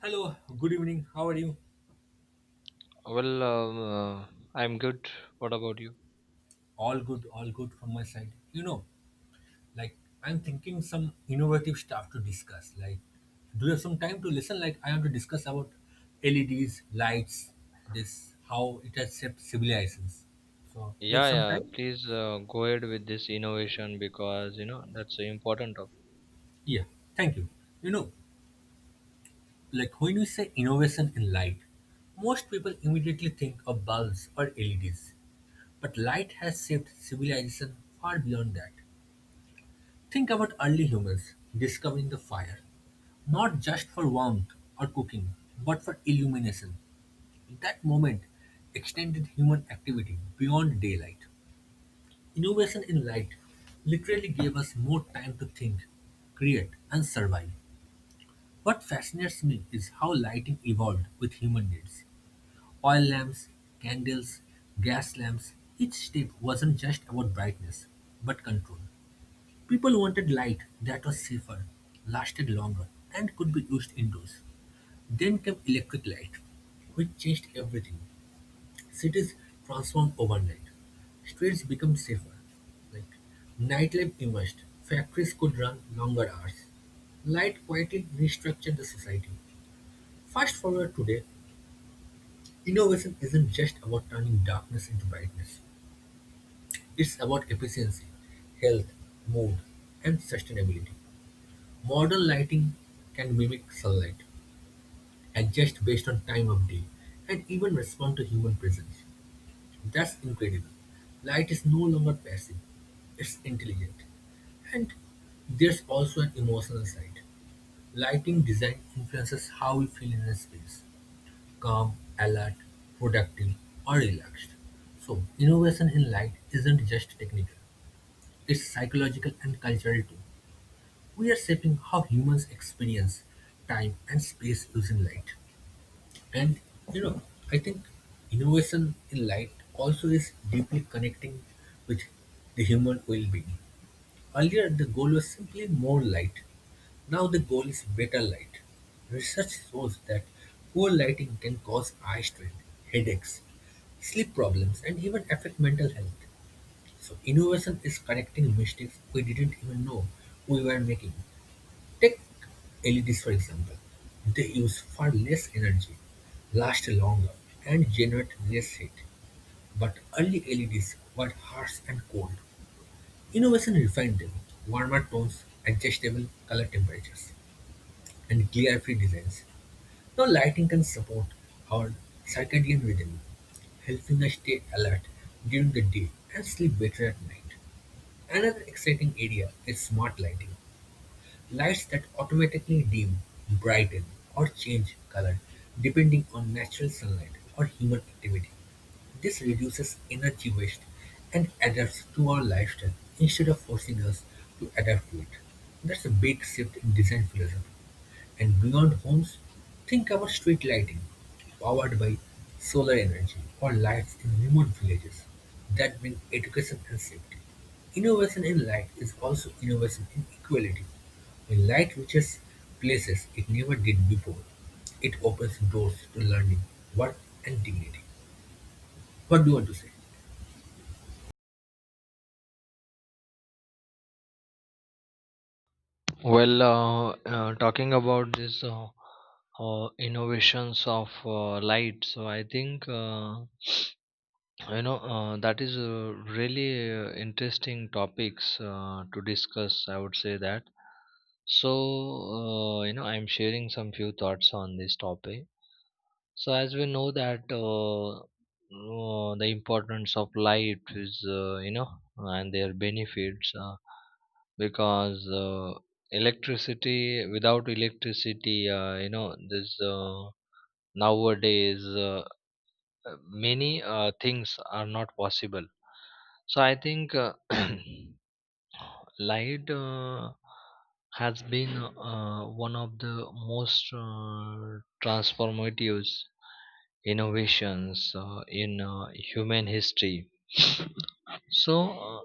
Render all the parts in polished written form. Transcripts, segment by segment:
Hello, good evening. How are you? Well, um, uh, I'm good. What about you? All good from my side. You know, like I'm thinking some innovative stuff to discuss. Like, do you have some time to listen? Like, I want to discuss about LEDs, lights, this how it has shaped civilizations. So, you have Yeah, some yeah. time? Please go ahead with this innovation because you know that's an important topic. Yeah, thank you. You know, like when we say innovation in light, most people immediately think of bulbs or LEDs, but light has shaped civilization far beyond that. Think about early humans discovering the fire, not just for warmth or cooking, but for illumination. That moment extended human activity beyond daylight. Innovation in light literally gave us more time to think, create, and survive. What fascinates me is how lighting evolved with human needs. Oil lamps, candles, gas lamps, each step wasn't just about brightness, but control. People wanted light that was safer, lasted longer, and could be used indoors. Then came electric light, which changed everything. Cities transformed overnight. Streets became safer. Like nightlife emerged. Factories could run longer hours. Light quietly restructured the society. Fast forward today, innovation isn't just about turning darkness into brightness. It's about efficiency, health, mood, and sustainability. Modern lighting can mimic sunlight, adjust based on time of day, and even respond to human presence. That's incredible. Light is no longer passive, it's intelligent. And there's also an emotional side. Lighting design influences how we feel in a space calm, alert, productive, or relaxed. So, innovation in light isn't just technical, it's psychological and cultural too. We are shaping how humans experience time and space using light. And you know, I think innovation in light also is deeply connecting with the human well being. Earlier, the goal was simply more light. Now, the goal is better light. Research shows that poor lighting can cause eye strain, headaches, sleep problems, and even affect mental health. So, innovation is correcting mistakes we didn't even know we were making. Take LEDs for example; they use far less energy, last longer, and generate less heat. But early LEDs were harsh and cold. Innovation refined them, warmer tones, adjustable color temperatures, and glare-free designs. Now lighting can support our circadian rhythm, helping us stay alert during the day and sleep better at night. Another exciting area is smart lighting. Lights that automatically dim, brighten, or change color depending on natural sunlight or human activity. This reduces energy waste and adapts to our lifestyle instead of forcing us to adapt to it. That's a big shift in design philosophy. And beyond homes, think about street lighting, powered by solar energy, or lights in remote villages that bring education and safety. Innovation in light is also innovation in equality. When light reaches places it never did before, it opens doors to learning, work, and dignity. What do you want to say? Talking about this innovations of light, so I think that is a really interesting topics to discuss, I would say that. So you know, I'm sharing some few thoughts on this topic. So as we know that the importance of light is you know, and their benefits, because electricity without electricity, you know, this nowadays, uh, many things are not possible. So I think light has been one of the most transformative innovations in human history. So,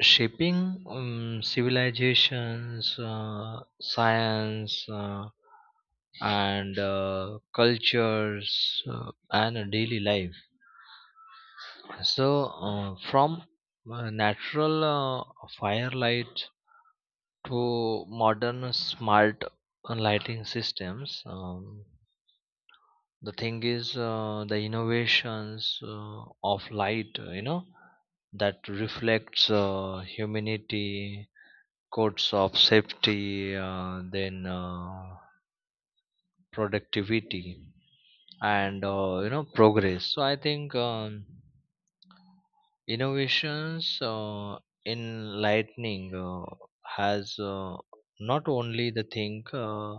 shaping civilizations, science, and cultures and daily life. So, from natural firelight to modern smart lighting systems. The thing is, the innovations of light, you know, that reflects humanity codes of safety, then productivity and you know progress. So I think innovations in lightning has, not only the thing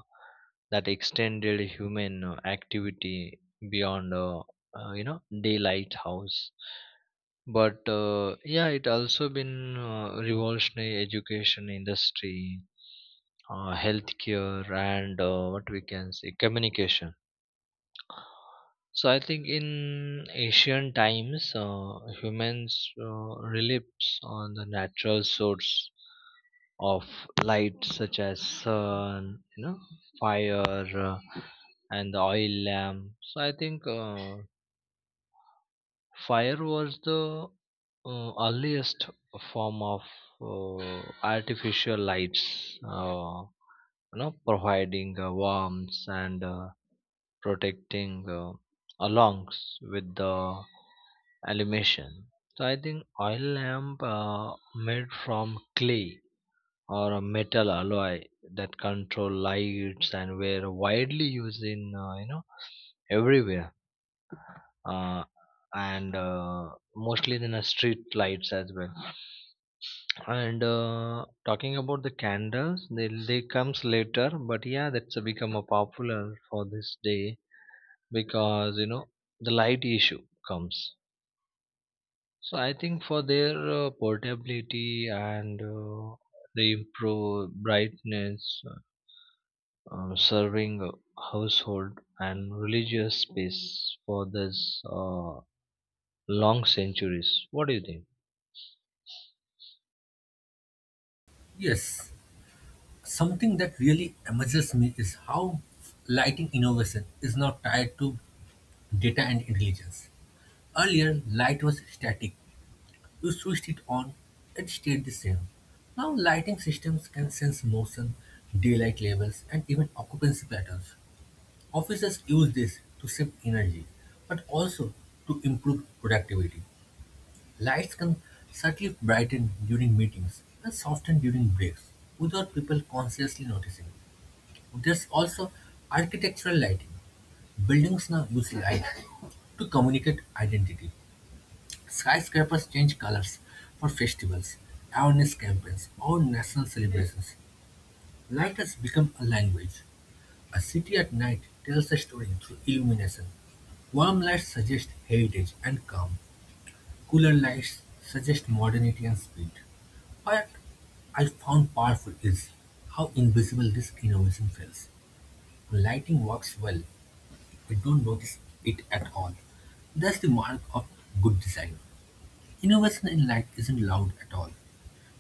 that extended human activity beyond, you know, daylight house, but yeah, it also been revolutionary education industry, healthcare, and what we can say communication. So I think in ancient times, humans relied on the natural source of light, such as sun, you know, fire, uh, and the oil lamp. So I think fire was the earliest form of artificial lights, you know, providing warmth and protecting, alongs with the illumination. So I think oil lamp made from clay or a metal alloy that control lights and were widely used in, you know, everywhere, uh, and mostly in the street lights as well. And talking about the candles, they comes later, but yeah, that's become a popular for this day because you know the light issue comes. So I think for their portability and the improve brightness, serving a household and religious space for this long centuries. What do you think? Yes, something that really amazes me is how lighting innovation is now tied to data and intelligence. Earlier, light was static. You switched it on, it stayed the same. Now, lighting systems can sense motion, daylight levels, and even occupancy patterns. Officers use this to save energy, but also to improve productivity. Lights can subtly brighten during meetings and soften during breaks without people consciously noticing. There's also architectural lighting. Buildings now use light to communicate identity. Skyscrapers change colors for festivals, awareness campaigns, or national celebrations. Light has become a language. A city at night tells a story through illumination. Warm lights suggest heritage and calm. Cooler lights suggest modernity and speed. What I found powerful is how invisible this innovation feels. When lighting works well, we don't notice it at all. That's the mark of good design. Innovation in light isn't loud at all.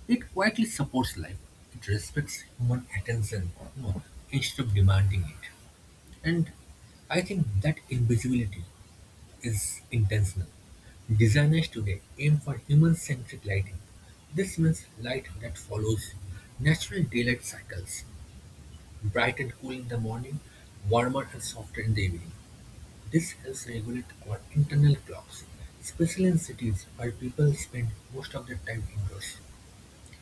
It quietly supports life, it respects human attention you know, instead of demanding it. And I think that invisibility is intentional. Designers today aim for human centric lighting. This means light that follows natural daylight cycles, bright and cool in the morning, warmer and softer in the evening. This helps regulate our internal clocks, especially in cities where people spend most of their time indoors.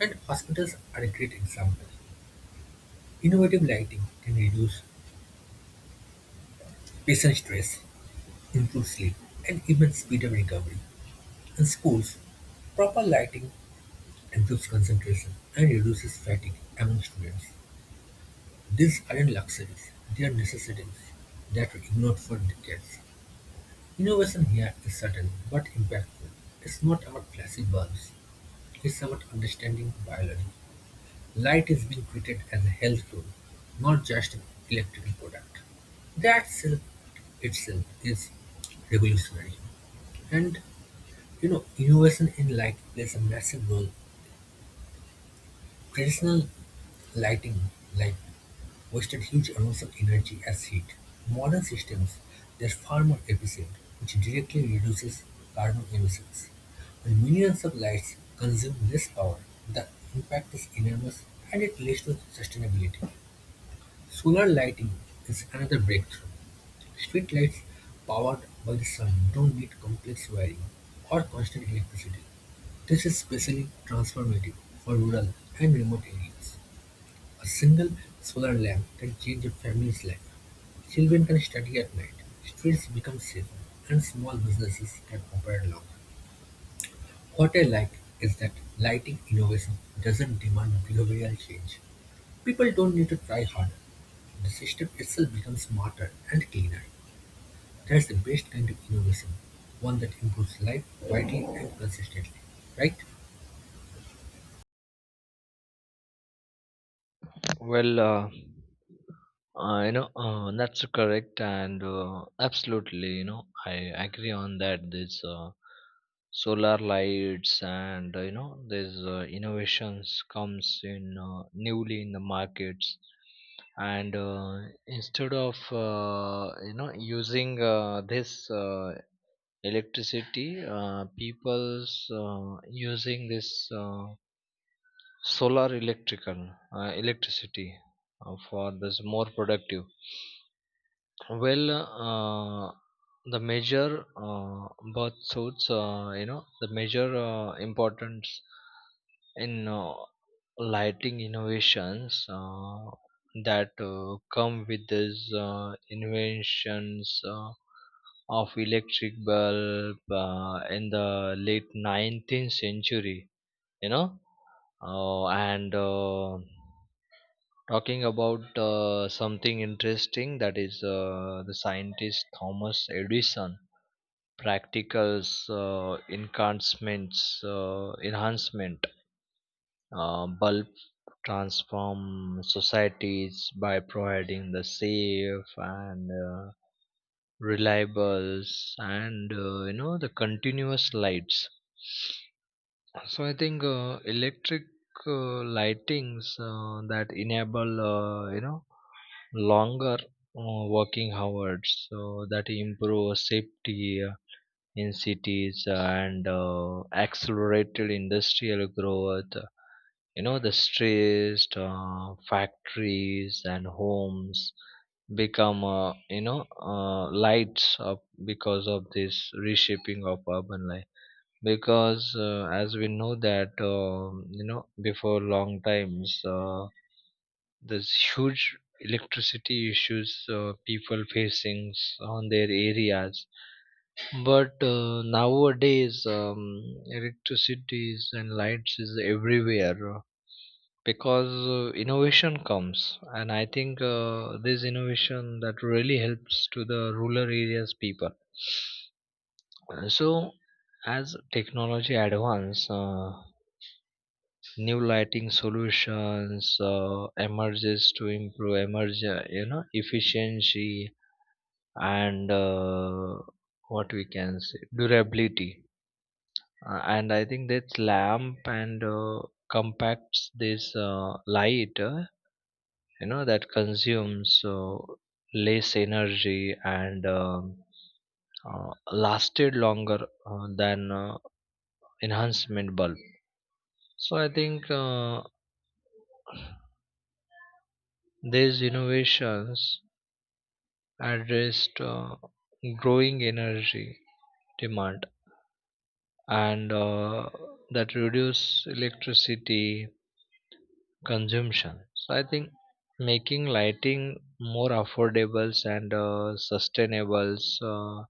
And hospitals are a great example. Innovative lighting can reduce patient stress, improve sleep, and even speed up recovery. In schools, proper lighting improves concentration and reduces fatigue among students. These aren't luxuries, they are necessities that we ignored for decades. Innovation here is sudden but impactful. It's not about flashy bulbs, it's about understanding biology. Light is being treated as a health tool, not just an electrical product. That's a itself is revolutionary. And you know, innovation in light plays a massive role. Traditional lighting like wasted huge amounts of energy as heat. Modern systems they're far more efficient, which directly reduces carbon emissions. When millions of lights consume less power, the impact is enormous and it leads to sustainability. Solar lighting is another breakthrough. Streetlights powered by the sun don't need complex wiring or constant electricity. This is especially transformative for rural and remote areas. A single solar lamp can change a family's life. Children can study at night, streets become safer, and small businesses can operate longer. What I like is that lighting innovation doesn't demand behavioral change. People don't need to try harder. The system itself becomes smarter and cleaner. That's the best kind of innovation, one that improves life quietly and consistently, right? Well, uh, you know, that's correct, and absolutely, you know, I agree on that. This solar lights and you know, these innovations comes in newly in the markets, and instead of, you know, using this electricity, people's using this. Solar electrical electricity for this more productive. Well, the major birth suits, you know, the major importance in lighting innovations that come with these inventions of electric bulb in the late 19th century, you know, and talking about something interesting, that is the scientist Thomas Edison practicals, uh, enhancements, enhancement, bulb transform societies by providing the safe and reliables and, you know, the continuous lights. So I think electric lightings that enable, you know, longer working hours, so that improve safety in cities and accelerated industrial growth, you know, the stressed factories and homes become, you know, lights up because of this reshaping of urban life, because as we know that, you know, before long times, this huge electricity issues, people facing on their areas, but nowadays, electricities and lights is everywhere, because innovation comes, and I think this innovation that really helps to the rural areas people. So as technology advance, new lighting solutions emerges to improve emerge, you know, efficiency and what we can say durability. And I think that's lamp and compacts this light, you know, that consumes less energy and uh, lasted longer than enhancement bulb. So I think these innovations addressed growing energy demand and that reduce electricity consumption. So I think making lighting more affordable and sustainable uh,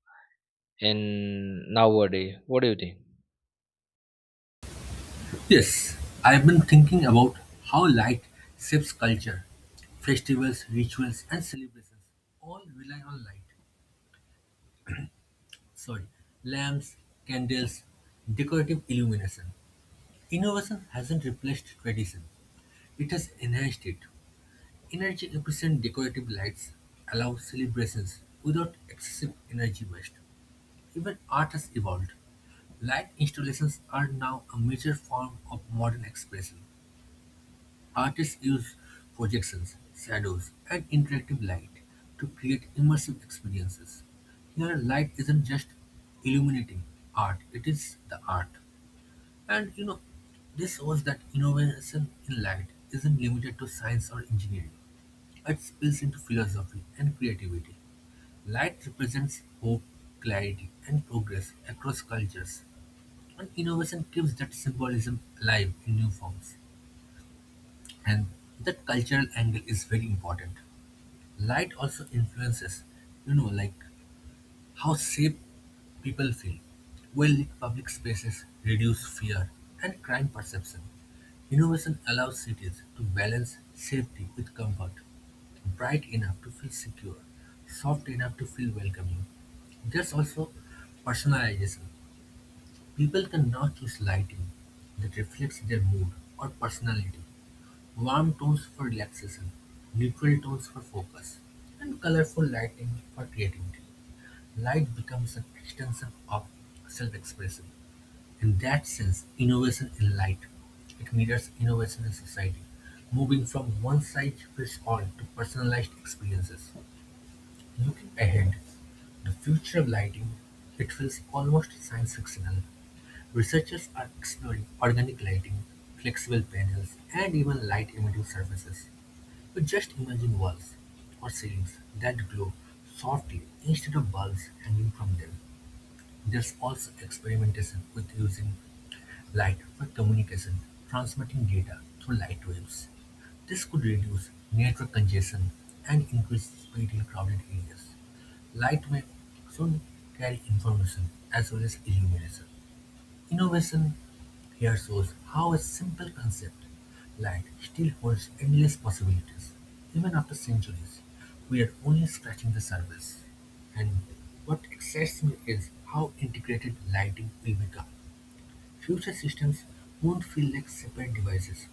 in nowadays. What do you think? Yes, I've been thinking about how light shapes culture. Festivals, rituals, and celebrations all rely on light. Sorry, lamps, candles, decorative illumination. Innovation hasn't replaced tradition, it has enhanced it. Energy efficient decorative lights allow celebrations without excessive energy waste. Even art has evolved. Light installations are now a major form of modern expression. Artists use projections, shadows, and interactive light to create immersive experiences. Here, light isn't just illuminating art, it is the art. And you know, this shows that innovation in light isn't limited to science or engineering. It spills into philosophy and creativity. Light represents hope, clarity, and progress across cultures. And innovation keeps that symbolism alive in new forms. And that cultural angle is very important. Light also influences, you know, like how safe people feel. Well-lit public spaces reduce fear and crime perception. Innovation allows cities to balance safety with comfort. Bright enough to feel secure, soft enough to feel welcoming. There's also personalization. People can not use lighting that reflects their mood or personality, warm tones for relaxation, neutral tones for focus, and colorful lighting for creativity. Light becomes an extension of self-expression. In that sense, innovation in light, it mirrors innovation in society, moving from one size fits all to personalized experiences. Looking ahead, the future of lighting, it feels almost science fictional. Researchers are exploring organic lighting, flexible panels, and even light-emitting surfaces. So just imagine walls or ceilings that glow softly instead of bulbs hanging from them. There's also experimentation with using light for communication, transmitting data through light waves. This could reduce network congestion and increase speed in crowded areas. Light may soon carry information as well as illumination. Innovation here shows how a simple concept like still holds endless possibilities, even after centuries. We are only scratching the surface. And what excites me is how integrated lighting will become. Future systems won't feel like separate devices.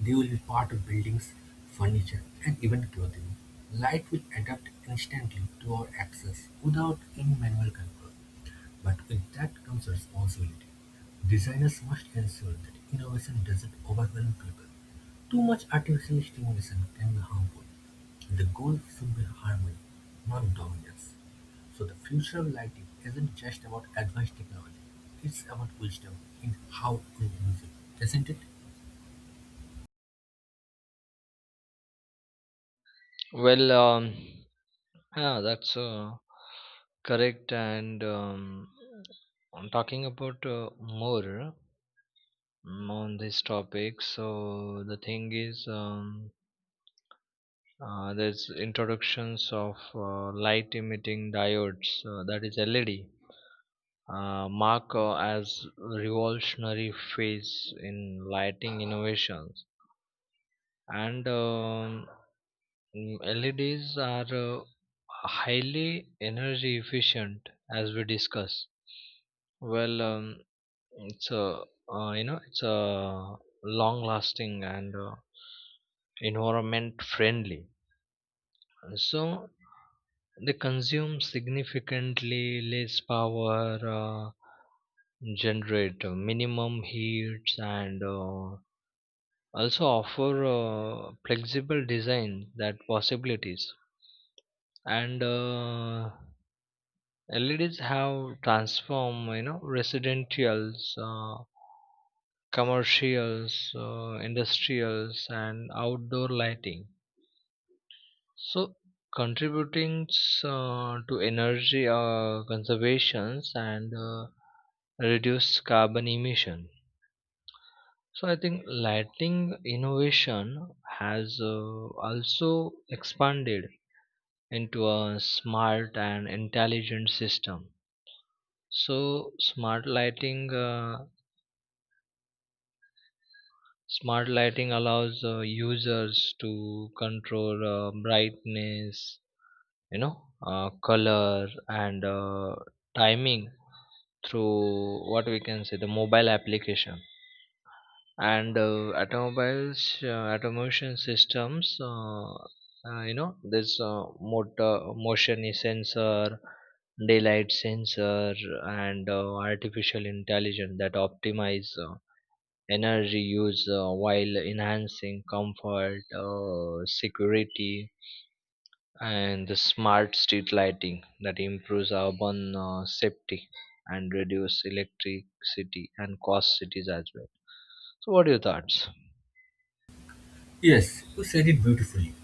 They will be part of buildings, furniture, and even clothing. Light will adapt instantly to our access without any manual control. But with that comes responsibility. Designers must ensure that innovation doesn't overwhelm people. Too much artificial stimulation can be harmful. The goal should be harmony, not dominance. So the future of lighting isn't just about advanced technology. It's about wisdom in how we use it, isn't it? Well, um, yeah, that's correct. And I'm talking about more on this topic. So the thing is, there's introductions of light emitting diodes, that is LED, mark as revolutionary phase in lighting innovations. And LEDs are highly energy efficient, as we discussed. Well, it's a you know it's a long lasting and environment friendly. So they consume significantly less power, generate minimum heats, and also offer flexible design that possibilities. And LEDs have transformed, you know, residentials, commercials, industrials, and outdoor lighting, so, contributing to energy conservations and reduce carbon emission. So, I think lighting innovation has also expanded into a smart and intelligent system. So, smart lighting. Smart lighting allows users to control brightness, you know, color, and timing through what we can say the mobile application and automobiles automation systems, you know, this motor motion is sensor, daylight sensor, and artificial intelligence that optimize energy use while enhancing comfort, security, and the smart street lighting that improves urban safety and reduce electricity and cost cities as well. So what are your thoughts? Yes, you said it beautifully.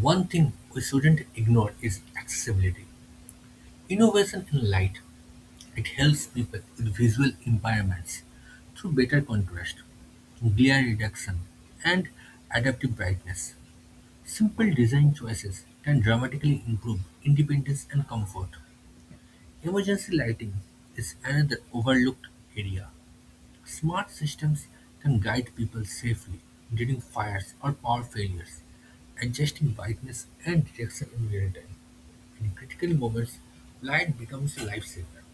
One thing we shouldn't ignore is accessibility. Innovation in light it helps people with visual impairments through better contrast, glare reduction, and adaptive brightness. Simple design choices can dramatically improve independence and comfort. Emergency lighting is another overlooked area. Smart systems can guide people safely during fires or power failures, adjusting brightness and direction in real time. In critical moments, light becomes a lifesaver.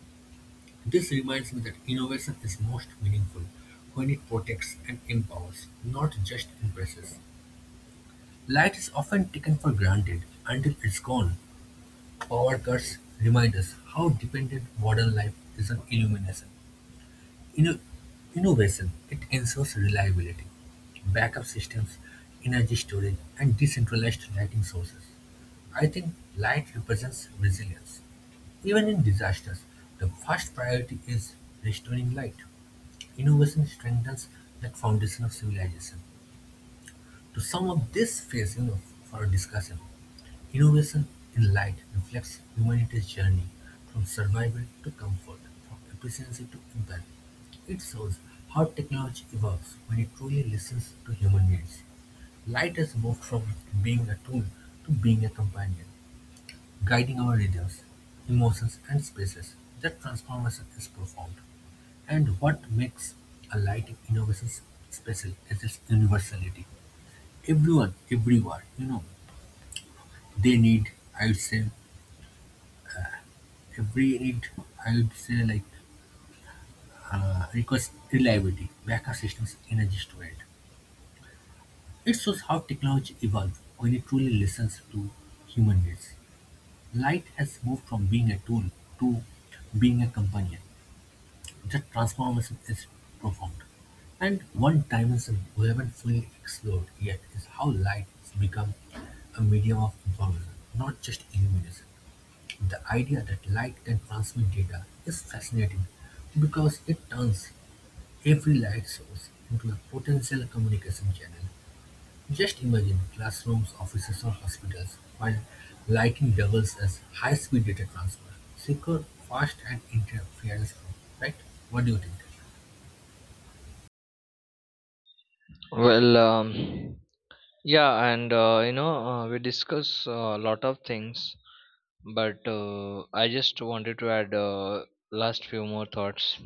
This reminds me that innovation is most meaningful when it protects and empowers, not just impresses. Light is often taken for granted until it's gone. Power cuts remind us how dependent modern life is on illumination. Inno- Innovation, it ensures reliability, backup systems, energy storage, and decentralized lighting sources. I think light represents resilience. Even in disasters, the first priority is restoring light. Innovation strengthens that foundation of civilization. To sum up this phase you know, for our discussion, innovation in light reflects humanity's journey from survival to comfort, from efficiency to empathy. It shows how technology evolves when it truly listens to human needs. Light has moved from being a tool to being a companion, guiding our rhythms, emotions, and spaces. That transformation is profound. And what makes a lighting innovation special is its universality. Everyone, everywhere, you know, they need, I would say, every need, I would say, like, requires reliability, backup systems, energy storage. It shows how technology evolves when it truly listens to human needs. Light has moved from being a tool to being a companion. That transformation is profound, and one dimension we haven't fully explored yet is how light has become a medium of information, not just illumination. The idea that light can transmit data is fascinating because it turns every light source into a potential communication channel. Just imagine classrooms, offices, or hospitals, while lighting doubles as high-speed data transfer, secure, fast, and interference-free. Right? What do you think? Well, yeah, and you know, we discuss a lot of things, but I just wanted to add last few more thoughts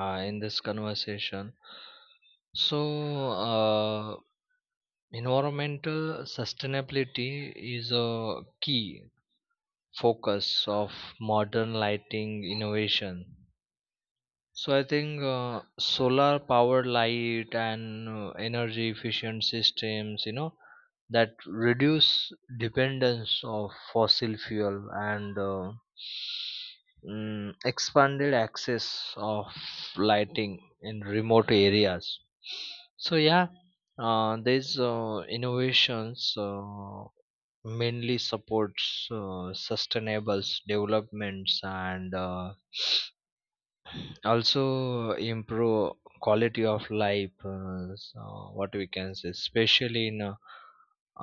in this conversation. So uh, environmental sustainability is a key focus of modern lighting innovation. So I think solar powered light and energy efficient systems, you know, that reduce dependence of fossil fuel and, expanded access of lighting in remote areas. So yeah, these innovations mainly supports sustainable developments and. Also improve quality of life, so what we can say especially in uh,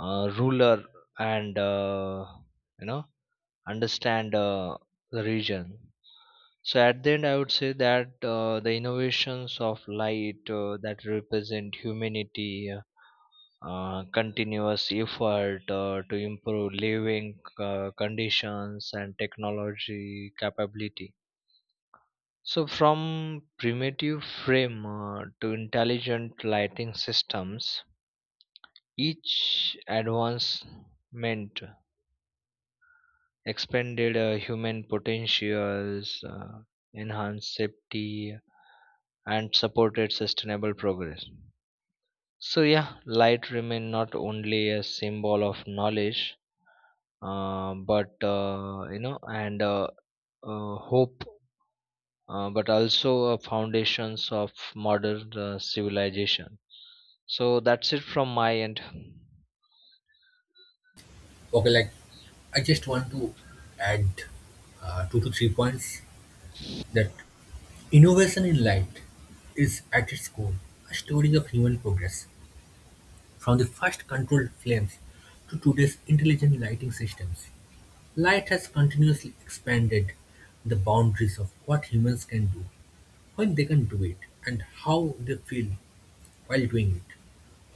uh, rural and, you know, understand the region. So at the end, I would say that the innovations of light that represent humanity continuous effort to improve living conditions and technology capability. So, from primitive frame to intelligent lighting systems, each advancement expanded human potentials, enhanced safety, and supported sustainable progress. So, yeah, light remain not only a symbol of knowledge, but you know, and hope, but also foundations of modern civilization. So that's it from my end. Okay, like I just want to add two to three points that innovation in light is at its core a story of human progress from the first controlled flames to today's intelligent lighting systems. Light has continuously expanded the boundaries of what humans can do, when they can do it, and how they feel while doing it,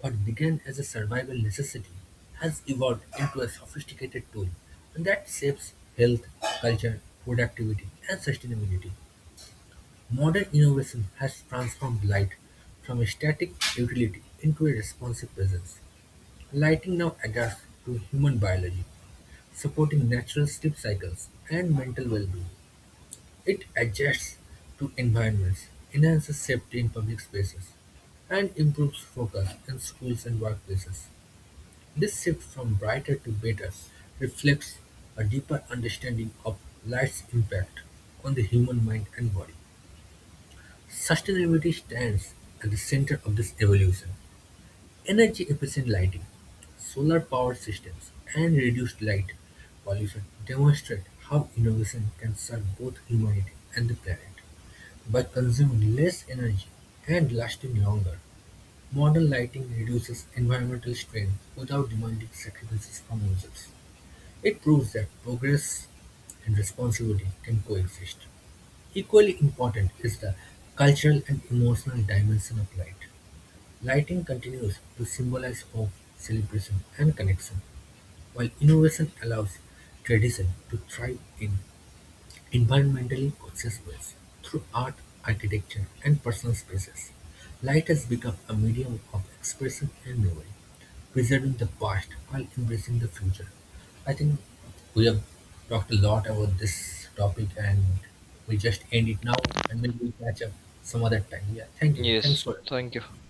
what began as a survival necessity has evolved into a sophisticated tool that shapes health, culture, productivity, and sustainability. Modern innovation has transformed light from a static utility into a responsive presence. Lighting now adapts to human biology, supporting natural sleep cycles and mental well being. It adjusts to environments, enhances safety in public spaces, and improves focus in schools and workplaces. This shift from brighter to better reflects a deeper understanding of light's impact on the human mind and body. Sustainability stands at the center of this evolution. Energy efficient lighting, solar powered systems, and reduced light pollution demonstrate how innovation can serve both humanity and the planet. By consuming less energy and lasting longer, modern lighting reduces environmental strain without demanding sacrifices from users. It proves that progress and responsibility can coexist. Equally important is the cultural and emotional dimension of light. Lighting continues to symbolize hope, celebration, and connection, while innovation allows tradition to thrive in environmentally conscious ways, through art, architecture, and personal spaces, light has become a medium of expression and memory, preserving the past while embracing the future. I think we have talked a lot about this topic and we just end it now and maybe we'll catch up some other time. Yeah, thank you. Thanks Yes, for thank you.